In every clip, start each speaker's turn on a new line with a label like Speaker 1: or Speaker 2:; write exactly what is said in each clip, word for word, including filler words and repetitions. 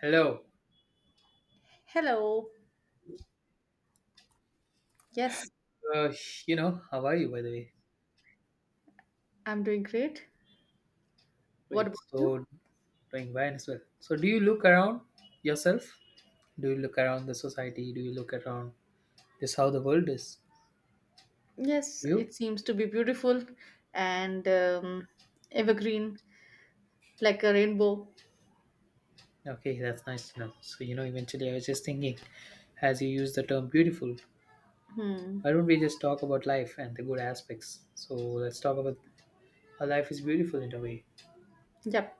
Speaker 1: Hello.
Speaker 2: Hello. Yes,
Speaker 1: Uh, you know, how are you, by the way?
Speaker 2: I'm doing great. What
Speaker 1: Great.
Speaker 2: about you?
Speaker 1: So, doing fine as well. So, do you look around yourself? Do you look around the society? Do you look around this how the world is?
Speaker 2: Yes,
Speaker 1: Do you?
Speaker 2: it seems to be beautiful and um, evergreen, like a rainbow.
Speaker 1: Okay, that's nice to know. So, you know, eventually I was just thinking, as you use the term beautiful,
Speaker 2: Hmm.
Speaker 1: why don't we just talk about life and the good aspects? So, let's talk about how life is beautiful in a way.
Speaker 2: Yep.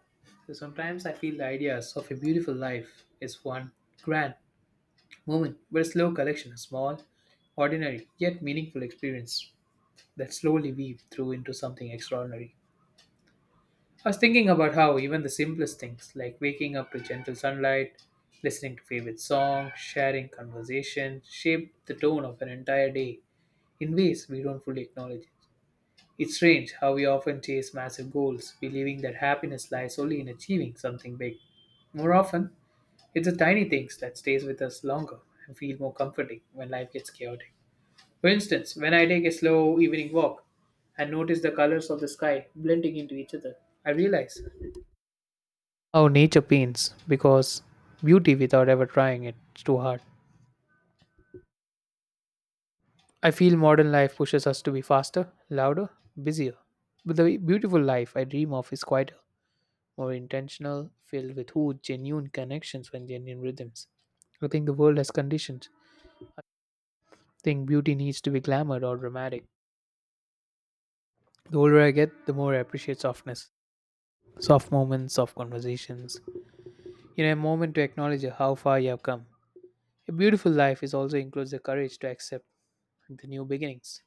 Speaker 1: So, sometimes I feel the ideas of a beautiful life is one grand moment but a slow collection, a small, ordinary, yet meaningful experience that slowly weaved through into something extraordinary. I was thinking about how even the simplest things, like waking up to gentle sunlight, listening to favorite song, sharing conversation, shape the tone of an entire day in ways we don't fully acknowledge. It's strange how we often chase massive goals, believing that happiness lies only in achieving something big. More often, it's the tiny things that stays with us longer and feel more comforting when life gets chaotic. For instance, when I take a slow evening walk and notice the colors of the sky blending into each other, I realize how nature paints because beauty without ever trying it is too hard. I feel modern life pushes us to be faster, louder, busier. But the beautiful life I dream of is quieter, more intentional, filled with who genuine connections and genuine rhythms. I think the world has conditions. Think beauty needs to be glamour or dramatic. The older I get, the more I appreciate softness. Soft moments, soft conversations, you know, a moment to acknowledge how far you have come. A beautiful life is also includes the courage to accept the new beginnings,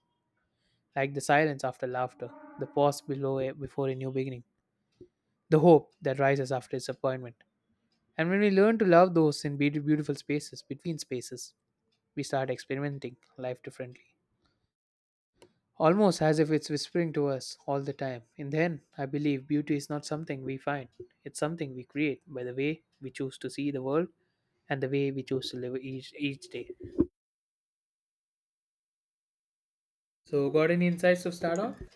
Speaker 1: like the silence after laughter, the pause below a, before a new beginning, the hope that rises after disappointment. And when we learn to love those in beauti- beautiful spaces, between spaces, we start experimenting life differently. Almost as if it's whispering to us all the time. In the end, I believe beauty is not something we find, it's something we create by the way we choose to see the world and the way we choose to live each, each day. So, got any insights to start on?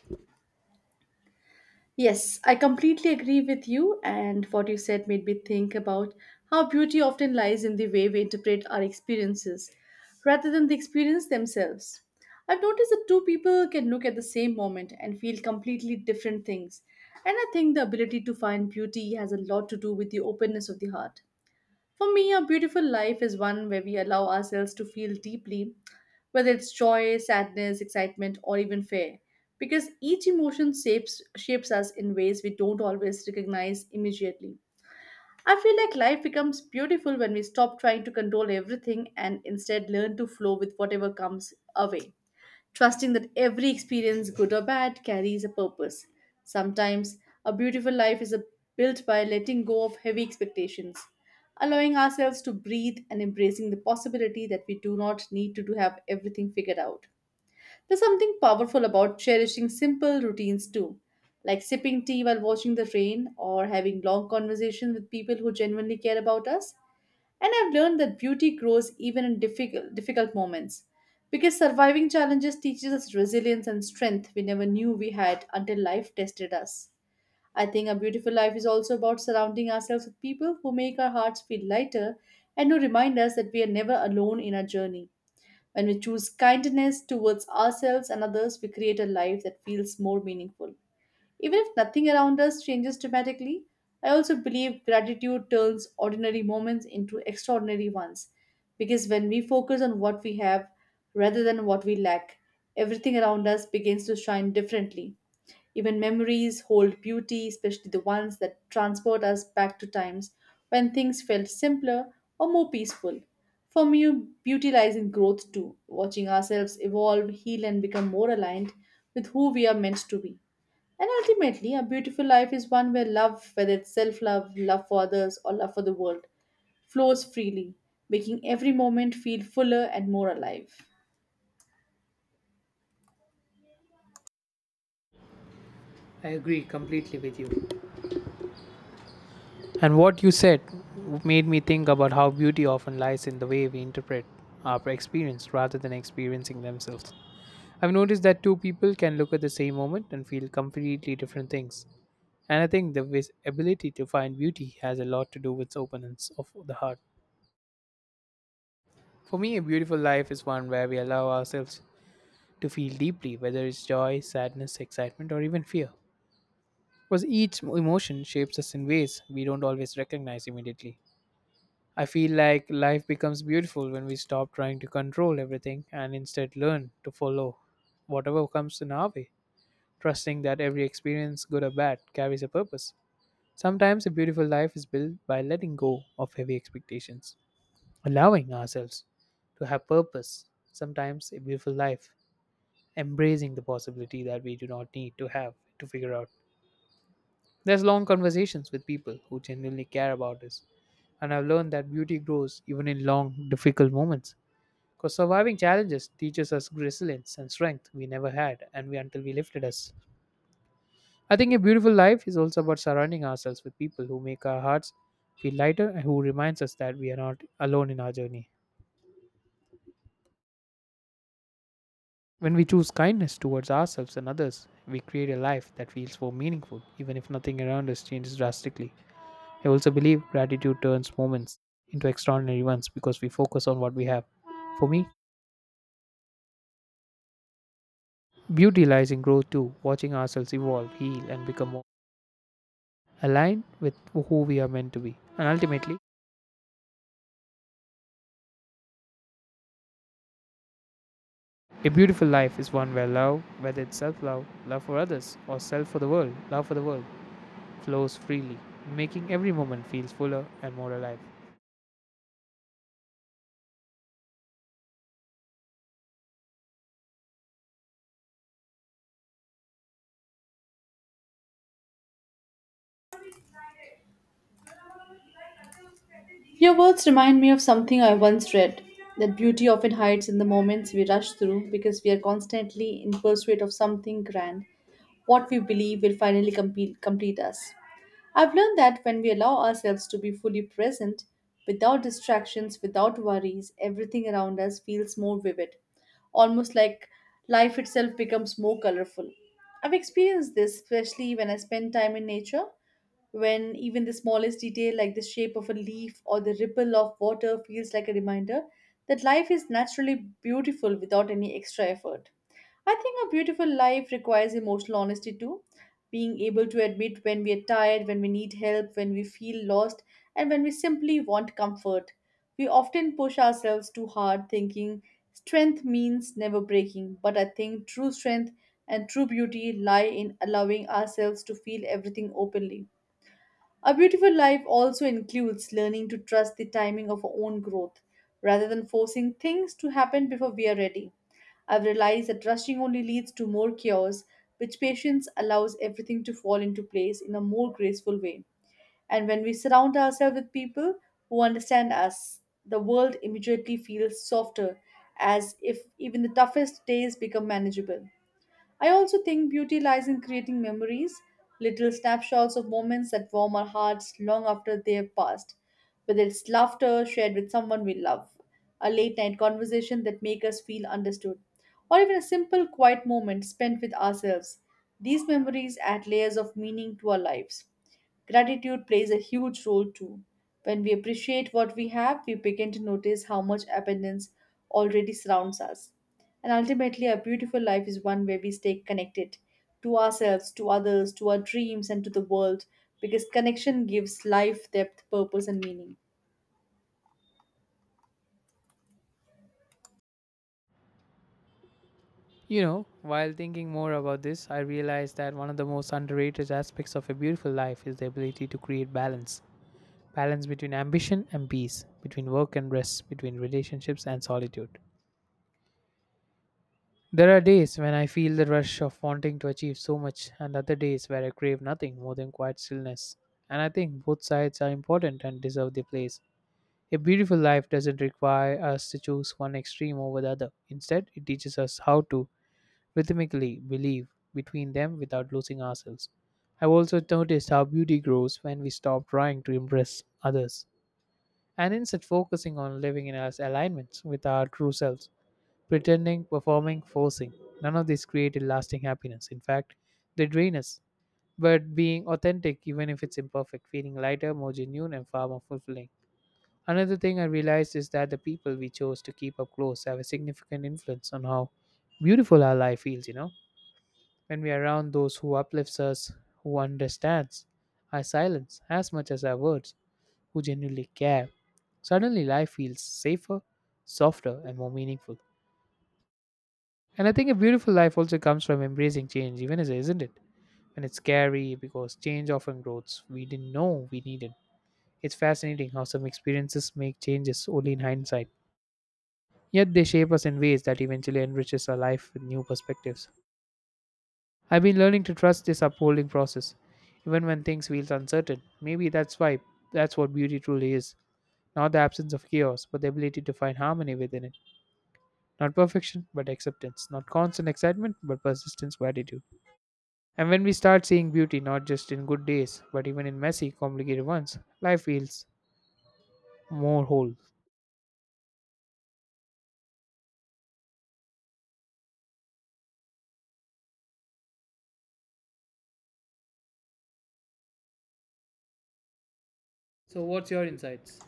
Speaker 2: Yes, I completely agree with you, and what you said made me think about how beauty often lies in the way we interpret our experiences rather than the experience themselves. I've noticed that two people can look at the same moment and feel completely different things, and I think the ability to find beauty has a lot to do with the openness of the heart. For me, a beautiful life is one where we allow ourselves to feel deeply, whether it's joy, sadness, excitement, or even fear, because each emotion shapes, shapes us in ways we don't always recognize immediately. I feel like life becomes beautiful when we stop trying to control everything and instead learn to flow with whatever comes our way trusting that every experience, good or bad, carries a purpose. Sometimes, a beautiful life is a- built by letting go of heavy expectations, allowing ourselves to breathe and embracing the possibility that we do not need to do- have everything figured out. There's something powerful about cherishing simple routines too, like sipping tea while watching the rain or having long conversations with people who genuinely care about us. And I've learned that beauty grows even in difficult, difficult moments because surviving challenges teaches us resilience and strength we never knew we had until life tested us. I think a beautiful life is also about surrounding ourselves with people who make our hearts feel lighter and who remind us that we are never alone in our journey. When we choose kindness towards ourselves and others, we create a life that feels more meaningful. Even if nothing around us changes dramatically, I also believe gratitude turns ordinary moments into extraordinary ones because when we focus on what we have rather than what we lack, everything around us begins to shine differently. Even memories hold beauty, especially the ones that transport us back to times when things felt simpler or more peaceful. For me, beauty lies in growth too, watching ourselves evolve, heal, and become more aligned with who we are meant to be. And ultimately, a beautiful life is one where love, whether it's self love, love for others, or love for the world, flows freely, making every moment feel fuller and more alive.
Speaker 1: I agree completely with you. And what you said made me think about how beauty often lies in the way we interpret our experience rather than experiencing themselves. I've noticed that two people can look at the same moment and feel completely different things. And I think the vis- ability to find beauty has a lot to do with openness of the heart. For me, a beautiful life is one where we allow ourselves to feel deeply, whether it's joy, sadness, excitement, or even fear. Because each emotion shapes us in ways we don't always recognize immediately. I feel like life becomes beautiful when we stop trying to control everything and instead learn to follow whatever comes in our way, trusting that every experience, good or bad, carries a purpose. Sometimes a beautiful life is built by letting go of heavy expectations, allowing ourselves to have purpose. Sometimes a beautiful life, embracing the possibility that we do not need to have to figure out. There's long conversations with people who genuinely care about us, and I've learned that beauty grows even in long, difficult moments. Because surviving challenges teaches us resilience and strength we never had, and we until we lifted us. I think a beautiful life is also about surrounding ourselves with people who make our hearts feel lighter and who reminds us that we are not alone in our journey. When we choose kindness towards ourselves and others, we create a life that feels more meaningful, even if nothing around us changes drastically. I also believe gratitude turns moments into extraordinary ones because we focus on what we have. For me, beauty lies in growth too, watching ourselves evolve, heal, and become more aligned with who we are meant to be. And ultimately, a beautiful life is one where love, whether it's self love, love for others, or self for the world, love for the world, flows freely, making every moment feels fuller and more alive.
Speaker 2: Your words remind me of something I once read that beauty often hides in the moments we rush through because we are constantly in pursuit of something grand. What we believe will finally complete, complete us. I've learned that when we allow ourselves to be fully present, without distractions, without worries, everything around us feels more vivid, almost like life itself becomes more colorful. I've experienced this, especially when I spend time in nature, when even the smallest detail, like the shape of a leaf or the ripple of water, feels like a reminder that life is naturally beautiful without any extra effort. I think a beautiful life requires emotional honesty too. Being able to admit when we are tired, when we need help, when we feel lost, and when we simply want comfort. We often push ourselves too hard, thinking strength means never breaking. But I think true strength and true beauty lie in allowing ourselves to feel everything openly. A beautiful life also includes learning to trust the timing of our own growth rather than forcing things to happen before we are ready. I've realized that rushing only leads to more chaos, which patience allows everything to fall into place in a more graceful way. And when we surround ourselves with people who understand us, the world immediately feels softer, as if even the toughest days become manageable. I also think beauty lies in creating memories, little snapshots of moments that warm our hearts long after they have passed, whether it's laughter shared with someone we love, a late night conversation that make us feel understood, or even a simple quiet moment spent with ourselves. These memories add layers of meaning to our lives. Gratitude plays a huge role too. When we appreciate what we have, we begin to notice how much abundance already surrounds us. And ultimately, a beautiful life is one where we stay connected to ourselves, to others, to our dreams, and to the world because connection gives life depth, purpose, and meaning.
Speaker 1: You know, while thinking more about this, I realized that one of the most underrated aspects of a beautiful life is the ability to create balance balance between ambition and peace, between work and rest, between relationships and solitude. There are days when I feel the rush of wanting to achieve so much, and other days where I crave nothing more than quiet stillness. And I think both sides are important and deserve their place. A beautiful life doesn't require us to choose one extreme over the other. Instead, it teaches us how to rhythmically believe between them without losing ourselves. I've also noticed how beauty grows when we stop trying to impress others and instead focusing on living in us alignments with our true selves, pretending, performing, forcing. None of these created lasting happiness. In fact, they drain us. But being authentic, even if it's imperfect, feeling lighter, more genuine, and far more fulfilling. Another thing I realized is that the people we chose to keep up close have a significant influence on how beautiful our life feels, you know. When we are around those who uplifts us, who understands our silence as much as our words, who genuinely care, suddenly life feels safer, softer, and more meaningful. And I think a beautiful life also comes from embracing change, even as isn't it? And it's scary because change often grows we didn't know we needed. It's fascinating how some experiences make changes only in hindsight, yet they shape us in ways that eventually enriches our life with new perspectives. I've been learning to trust this upholding process, even when things feels uncertain. Maybe that's why that's what beauty truly is, not the absence of chaos, but the ability to find harmony within it. Not perfection, but acceptance. Not constant excitement, but persistence, gratitude. And when we start seeing beauty not just in good days, but even in messy, complicated ones, life feels more whole. So, what's your insights?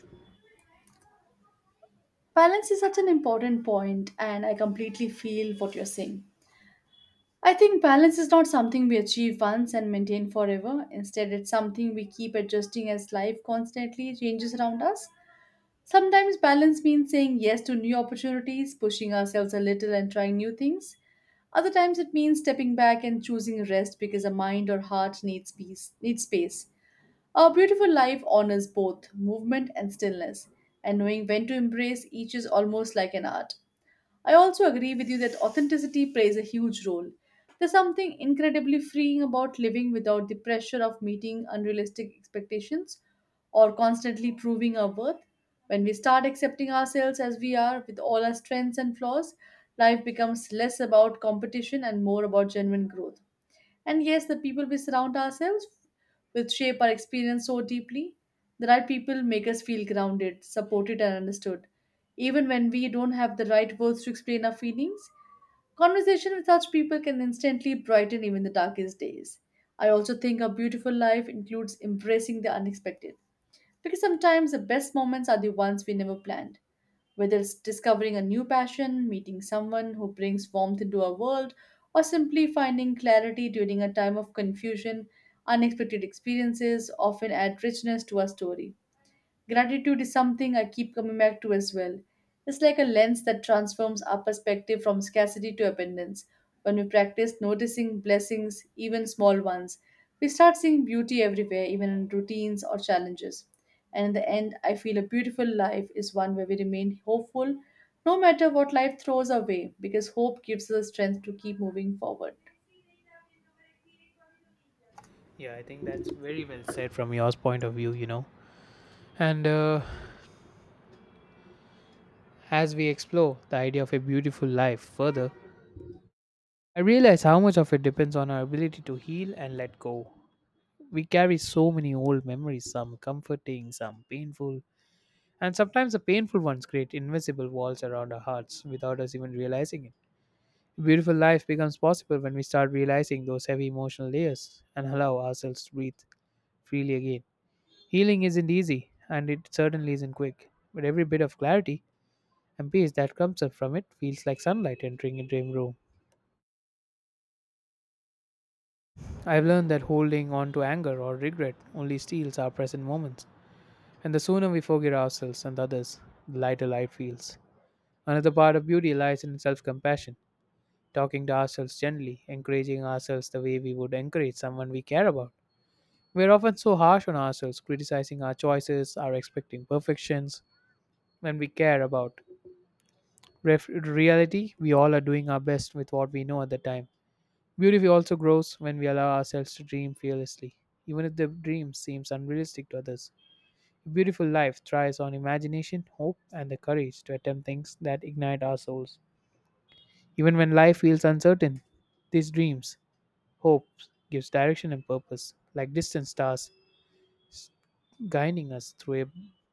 Speaker 2: Balance is such an important point, and I completely feel what you're saying. I think balance is not something we achieve once and maintain forever. Instead, it's something we keep adjusting as life constantly changes around us. Sometimes balance means saying yes to new opportunities, pushing ourselves a little, and trying new things. Other times, it means stepping back and choosing rest because a mind or heart needs peace, needs space. Our beautiful life honors both movement and stillness, and knowing when to embrace each is almost like an art. I also agree with you that authenticity plays a huge role. There's something incredibly freeing about living without the pressure of meeting unrealistic expectations or constantly proving our worth. When we start accepting ourselves as we are, with all our strengths and flaws, life becomes less about competition and more about genuine growth. And yes, the people we surround ourselves with shape our experience so deeply. The right people make us feel grounded, supported, and understood. Even when we don't have the right words to explain our feelings, conversation with such people can instantly brighten even the darkest days. I also think a beautiful life includes embracing the unexpected, because sometimes the best moments are the ones we never planned. Whether it's discovering a new passion, meeting someone who brings warmth into our world, or simply finding clarity during a time of confusion, unexpected experiences often add richness to our story. Gratitude is something I keep coming back to as well. It's like a lens that transforms our perspective from scarcity to abundance. When we practice noticing blessings, even small ones, we start seeing beauty everywhere, even in routines or challenges. And in the end, I feel a beautiful life is one where we remain hopeful no matter what life throws our way, because hope gives us strength to keep moving forward.
Speaker 1: Yeah, I think that's very well said from yours point of view, you know. And uh, As we explore the idea of a beautiful life further, I realize how much of it depends on our ability to heal and let go. We carry so many old memories, some comforting, some painful, and sometimes the painful ones create invisible walls around our hearts without us even realizing it. Beautiful life becomes possible when we start realizing those heavy emotional layers and allow ourselves to breathe freely again. Healing isn't easy, and it certainly isn't quick, but every bit of clarity and peace that comes up from it feels like sunlight entering a dim room. I've learned that holding on to anger or regret only steals our present moments, and the sooner we forgive ourselves and others, the lighter life feels. Another part of beauty lies in self compassion talking to ourselves gently, encouraging ourselves the way we would encourage someone we care about. We're often so harsh on ourselves, criticizing our choices, our expecting perfections when we care about. Ref- reality, we all are doing our best with what we know at the time. Beauty also grows when we allow ourselves to dream fearlessly, even if the dream seems unrealistic to others. A beautiful life thrives on imagination, hope, and the courage to attempt things that ignite our souls. Even when life feels uncertain, these dreams hope gives direction and purpose, like distant stars guiding us through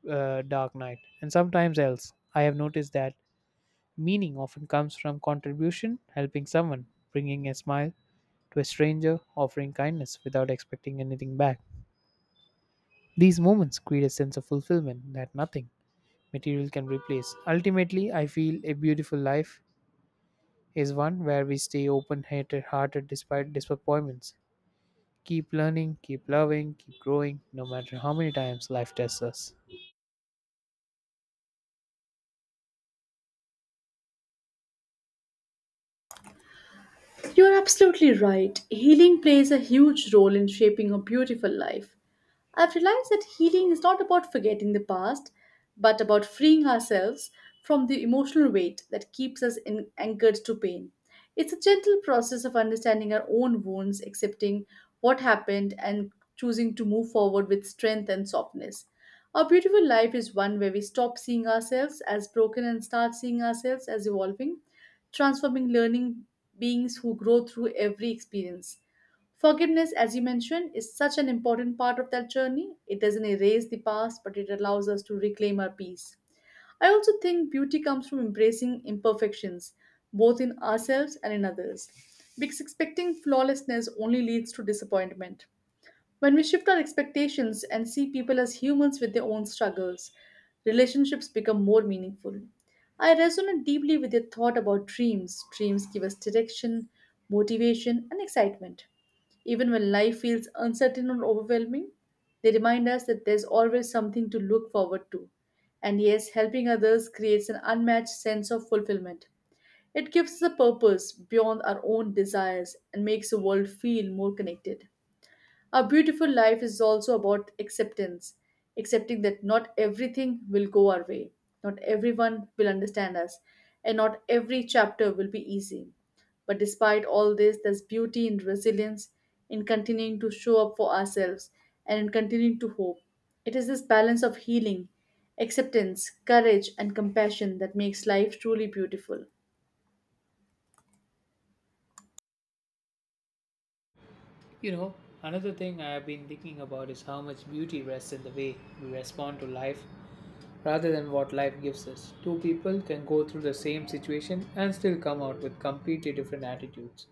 Speaker 1: a uh, dark night. And sometimes else, I have noticed that meaning often comes from contribution, helping someone, bringing a smile to a stranger, offering kindness without expecting anything back. These moments create a sense of fulfillment that nothing material can replace. Ultimately, I feel a beautiful life is one where we stay open hearted despite disappointments. Keep learning, keep loving, keep growing, no matter how many times life tests us.
Speaker 2: You're absolutely right. Healing plays a huge role in shaping a beautiful life. I've realized that healing is not about forgetting the past, but about freeing ourselves from the emotional weight that keeps us in- anchored to pain. It's a gentle process of understanding our own wounds, accepting what happened, and choosing to move forward with strength and softness. Our beautiful life is one where we stop seeing ourselves as broken and start seeing ourselves as evolving, transforming, learning, beings who grow through every experience. Forgiveness, as you mentioned, is such an important part of that journey. It doesn't erase the past, but it allows us to reclaim our peace. I also think beauty comes from embracing imperfections, both in ourselves and in others, because expecting flawlessness only leads to disappointment. When we shift our expectations and see people as humans with their own struggles, relationships become more meaningful. I resonate deeply with your thought about dreams. Dreams give us direction, motivation, and excitement. Even when life feels uncertain or overwhelming, they remind us that there's always something to look forward to. And yes, helping others creates an unmatched sense of fulfillment. It gives us a purpose beyond our own desires and makes the world feel more connected. A beautiful life is also about acceptance, accepting that not everything will go our way, not everyone will understand us, and not every chapter will be easy. But despite all this, there's beauty in resilience, in continuing to show up for ourselves, and in continuing to hope. It is this balance of healing, acceptance, courage, and compassion that makes life truly beautiful.
Speaker 1: You know, another thing I have been thinking about is how much beauty rests in the way we respond to life rather than what life gives us. Two people can go through the same situation and still come out with completely different attitudes.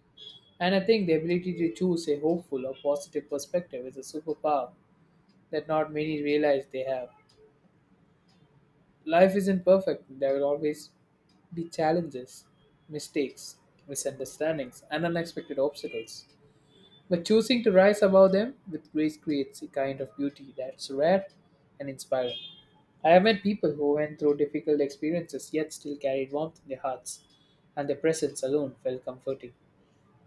Speaker 1: And I think the ability to choose a hopeful or positive perspective is a superpower that not many realize they have. Life isn't perfect. There will always be challenges, mistakes, misunderstandings, and unexpected obstacles. But choosing to rise above them with grace creates a kind of beauty that's rare and inspiring. I have met people who went through difficult experiences yet still carried warmth in their hearts, and their presence alone felt comforting.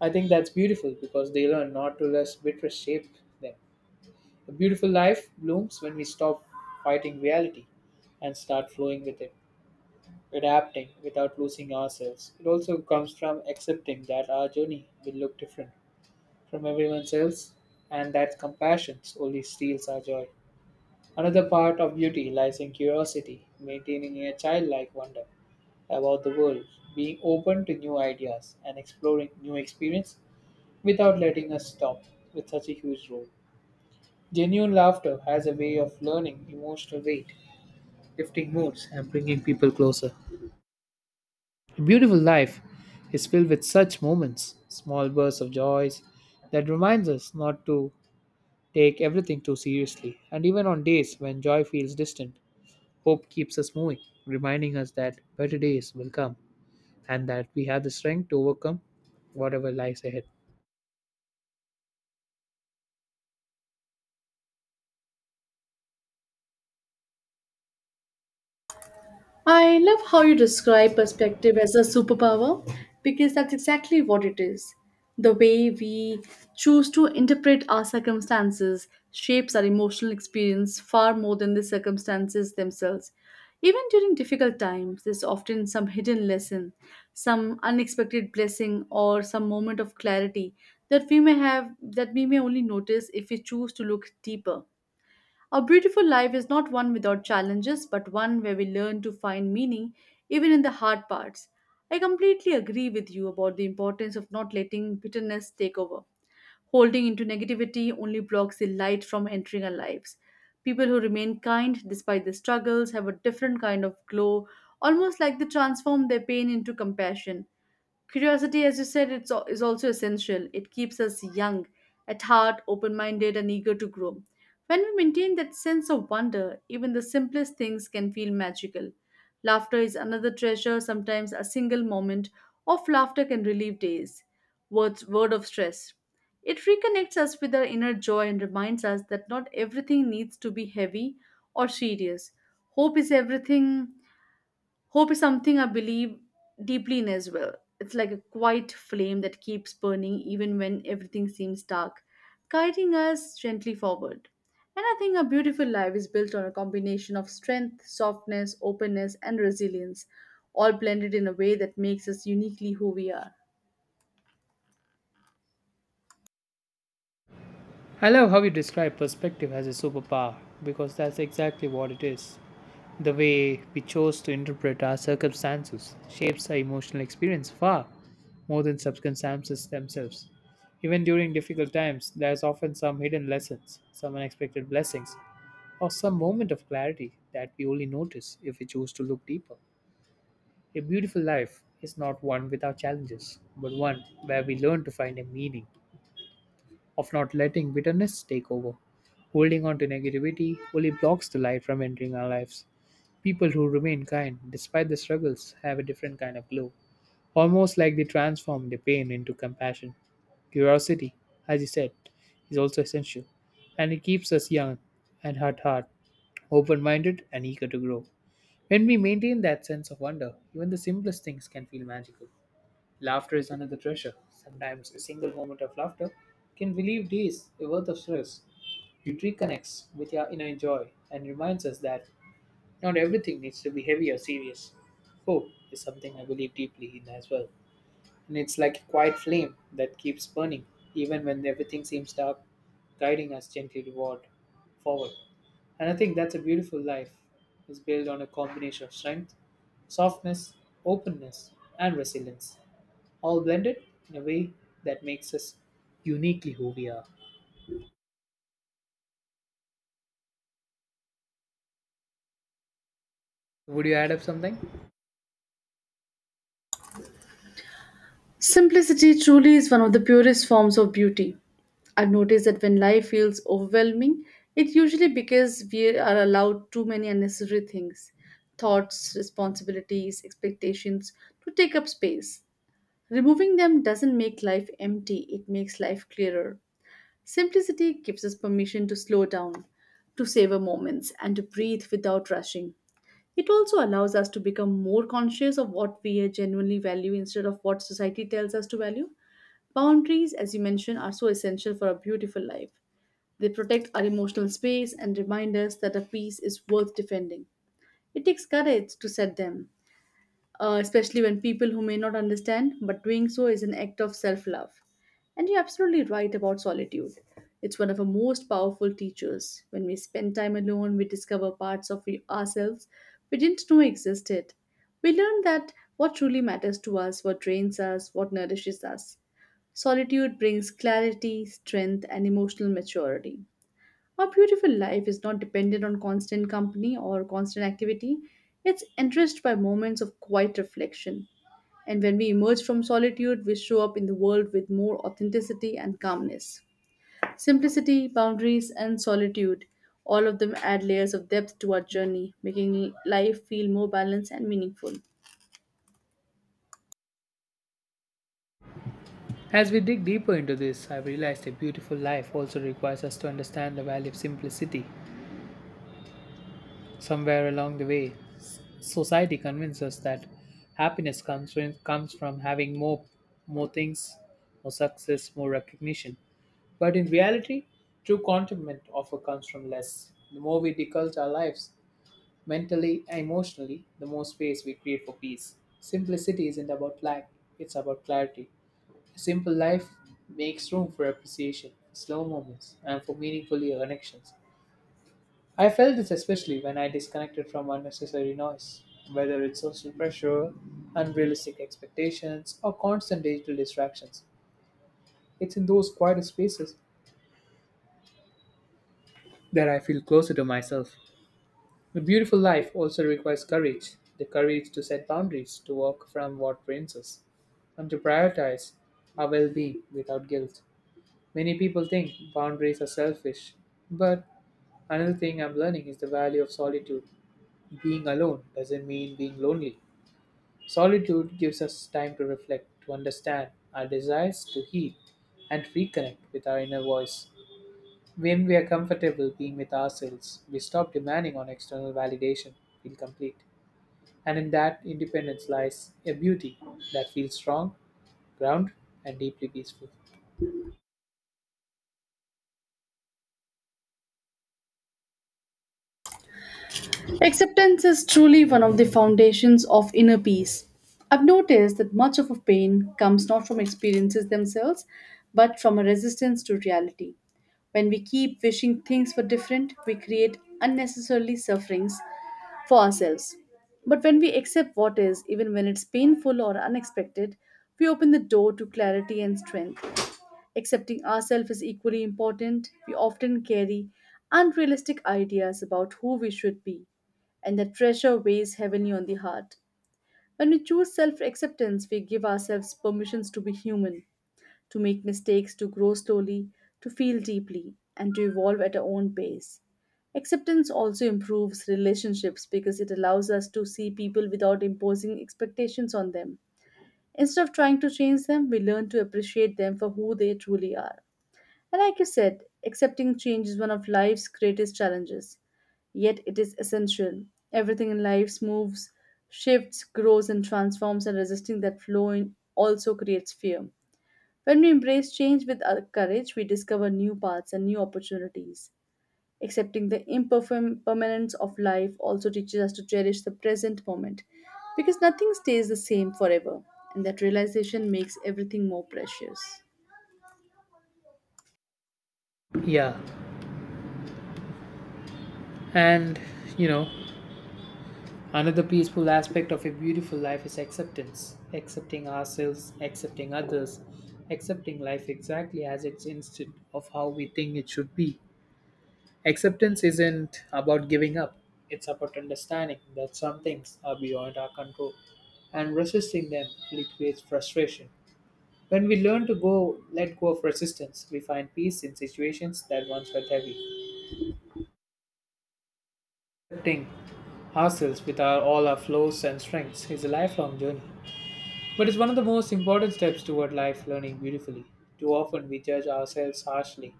Speaker 1: I think that's beautiful because they learn not to let bitterness shape them. A beautiful life blooms when we stop fighting reality and start flowing with it, adapting without losing ourselves. It also comes from accepting that our journey will look different from everyone else and that compassion only steals our joy. Another part of beauty lies in curiosity, maintaining a childlike wonder about the world, being open to new ideas and exploring new experience without letting us stop with such a huge role. Genuine laughter has a way of learning emotional weight, lifting moods and bringing people closer. A beautiful life is filled with such moments, small bursts of joys that reminds us not to take everything too seriously. And even on days when joy feels distant, hope keeps us moving, reminding us that better days will come and that we have the strength to overcome whatever lies ahead.
Speaker 2: I love how you describe perspective as a superpower because that's exactly what it is. The way we choose to interpret our circumstances shapes our emotional experience far more than the circumstances themselves. Even during difficult times, there's often some hidden lesson, some unexpected blessing, or some moment of clarity that we may have that we may only notice if we choose to look deeper. A beautiful life is not one without challenges, but one where we learn to find meaning even in the hard parts. I completely agree with you about the importance of not letting bitterness take over. Holding into negativity only blocks the light from entering our lives. People who remain kind despite their struggles have a different kind of glow, almost like they transform their pain into compassion. Curiosity, as you said, it's, al- is also essential. It keeps us young, at heart, open minded, and eager to grow. When we maintain that sense of wonder, even the simplest things can feel magical. Laughter is another treasure. Sometimes a single moment of laughter can relieve days. Words, word of stress. It reconnects us with our inner joy and reminds us that not everything needs to be heavy or serious. Hope is everything. Hope is something I believe deeply in as well. It's like a quiet flame that keeps burning even when everything seems dark, guiding us gently forward. And I think a beautiful life is built on a combination of strength, softness, openness, and resilience, all blended in a way that makes us uniquely who we are.
Speaker 1: I love how you describe perspective as a superpower because that's exactly what it is. The way we chose to interpret our circumstances shapes our emotional experience far more than circumstances themselves. Even during difficult times, there's often some hidden lessons, some unexpected blessings, or some moment of clarity that we only notice if we choose to look deeper. A beautiful life is not one without challenges, but one where we learn to find a meaning of not letting bitterness take over. Holding on to negativity only blocks the light from entering our lives. People who remain kind despite the struggles have a different kind of glow, almost like they transform their pain into compassion. Curiosity, as you said, is also essential, and it keeps us young and hard heart, open minded, and eager to grow. When we maintain that sense of wonder, even the simplest things can feel magical. Laughter is another treasure. Sometimes a single moment of laughter can relieve days a worth of stress. It reconnects with our inner joy and reminds us that not everything needs to be heavy or serious. Hope is something I believe deeply in as well. And it's like a quiet flame that keeps burning, even when everything seems dark, guiding us gently toward forward. And I think that's a beautiful life is built on a combination of strength, softness, openness, and resilience, all blended in a way that makes us uniquely who we are. Would you add up something?
Speaker 2: Simplicity truly is one of the purest forms of beauty. I've noticed that when life feels overwhelming, it usually because we are allowed too many unnecessary things, thoughts, responsibilities, expectations to take up space. Removing them doesn't make life empty, it makes life clearer. Simplicity gives us permission to slow down, to savor moments, and to breathe without rushing. It also allows us to become more conscious of what we genuinely value instead of what society tells us to value. Boundaries, as you mentioned, are so essential for a beautiful life. They protect our emotional space and remind us that a peace is worth defending. It takes courage to set them, uh, especially when people who may not understand, but doing so is an act of self love. And you're absolutely right about solitude. It's one of our most powerful teachers. When we spend time alone, we discover parts of we- ourselves we didn't know existed. We learn that what truly matters to us, what drains us, what nourishes us. Solitude brings clarity, strength, and emotional maturity. Our beautiful life is not dependent on constant company or constant activity. It's enriched by moments of quiet reflection. And when we emerge from solitude, we show up in the world with more authenticity and calmness. Simplicity, boundaries, and solitude, all of them add layers of depth to our journey, making life feel more balanced and meaningful.
Speaker 1: As we dig deeper into this, I realized that beautiful life also requires us to understand the value of simplicity. Somewhere along the way, s- society convinces us that happiness comes from, comes from having more, more things, more success, more recognition. But in reality, true contentment often comes from less. The more we decult our lives, mentally, emotionally, the more space we create for peace. Simplicity isn't about lack, it's about clarity. Simple life makes room for appreciation, slow moments, and for meaningful connections. I felt this especially when I disconnected from unnecessary noise, whether it's social pressure, unrealistic expectations, or constant digital distractions. It's in those quieter spaces that I feel closer to myself. A beautiful life also requires courage, the courage to set boundaries, to walk from what drains us, and to prioritize our well being without guilt. Many people think boundaries are selfish, but another thing I'm learning is the value of solitude. Being alone doesn't mean being lonely. Solitude gives us time to reflect, to understand our desires, to heal, and reconnect with our inner voice. When we are comfortable being with ourselves, we stop demanding on external validation, feel complete. And in that independence lies a beauty that feels strong, grounded, and deeply peaceful.
Speaker 2: Acceptance is truly one of the foundations of inner peace. I've noticed that much of our pain comes not from experiences themselves, but from a resistance to reality. When we keep wishing things were different, we create unnecessarily sufferings for ourselves. But when we accept what is, even when it's painful or unexpected, we open the door to clarity and strength. Accepting ourselves is equally important. We often carry unrealistic ideas about who we should be, and that pressure weighs heavily on the heart. When we choose self acceptance, we give ourselves permissions to be human, to make mistakes, to grow slowly, to feel deeply, and to evolve at our own pace. Acceptance also improves relationships because it allows us to see people without imposing expectations on them. Instead of trying to change them, we learn to appreciate them for who they truly are. And like you said, accepting change is one of life's greatest challenges, yet it is essential. Everything in life moves, shifts, grows, and transforms, and resisting that flow in also creates fear. When we embrace change with uh, courage, we discover new paths and new opportunities. Accepting the impermanence of life also teaches us to cherish the present moment because nothing stays the same forever, and that realization makes everything more precious.
Speaker 1: Yeah, and you know, another peaceful aspect of a beautiful life is acceptance, accepting ourselves, accepting others, accepting life exactly as it's instead of how we think it should be. Acceptance isn't about giving up, it's about understanding that some things are beyond our control and resisting them only creates frustration. When we learn to go let go of resistance, we find peace in situations that once felt heavy. Accepting ourselves with our, all our flaws and strengths is a lifelong journey, but it's one of the most important steps toward life learning beautifully. Too often we judge ourselves harshly,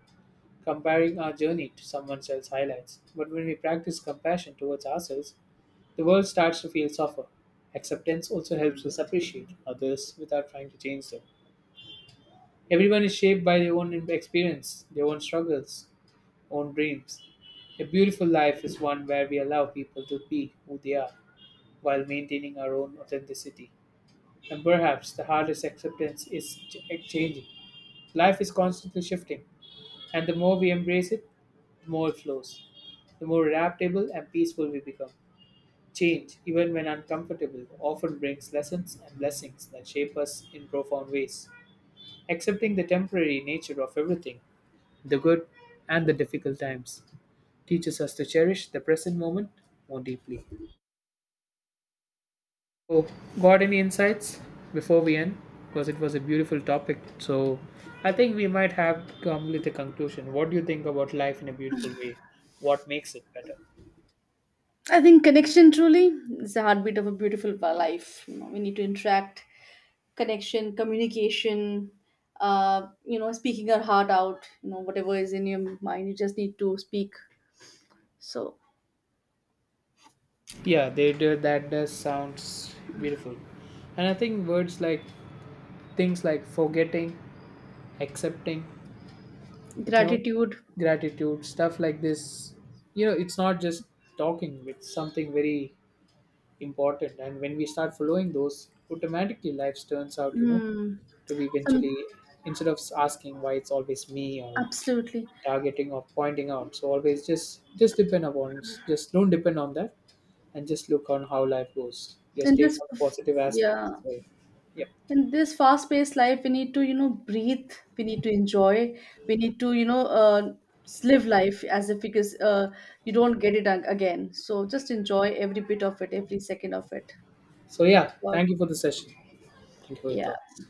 Speaker 1: comparing our journey to someone else's highlights. But when we practice compassion towards ourselves, the world starts to feel softer. Acceptance also helps us appreciate others without trying to change them. Everyone is shaped by their own experience, their own struggles, own dreams. A beautiful life is one where we allow people to be who they are while maintaining our own authenticity. And perhaps the hardest acceptance is ch- eh, changing. Life is constantly shifting, and the more we embrace it, the more it flows, the more adaptable and peaceful we become. Change, even when uncomfortable, often brings lessons and blessings that shape us in profound ways. Accepting the temporary nature of everything, the good and the difficult times, teaches us to cherish the present moment more deeply. So, got any insights before we end? Because it was a beautiful topic. So, I think we might have come with a conclusion. What do you think about life in a beautiful way? What makes it better?
Speaker 2: I think connection truly is the heartbeat of a beautiful pa- life. You know, we need to interact, connection, communication. Uh, you know, speaking our heart out. You know, whatever is in your mind, you just need to speak. So
Speaker 1: Yeah, they do, that does sounds beautiful. And I think words like things like forgetting, accepting, you know,
Speaker 2: gratitude.
Speaker 1: gratitude, stuff like this, you know, it's not just talking, it's something very important. And when we start following those, automatically life turns out, you know,
Speaker 2: Hmm.
Speaker 1: to be
Speaker 2: Some
Speaker 1: eventually instead of asking why it's always me, or
Speaker 2: absolutely.
Speaker 1: targeting or pointing out. So always just just depend upon, just don't depend on that and just look on how life goes, just
Speaker 2: In
Speaker 1: take
Speaker 2: this,
Speaker 1: on the positive aspects
Speaker 2: yeah.
Speaker 1: as well. Yep.
Speaker 2: In this fast paced life, we need to, you know, breathe. We need to enjoy. We need to, you know, uh, live life as if, because uh, you don't get it ag- again, so just enjoy every bit of it, every second of it.
Speaker 1: So yeah,
Speaker 2: Well,
Speaker 1: thank you for the session. Thank you for your
Speaker 2: yeah.
Speaker 1: thoughts.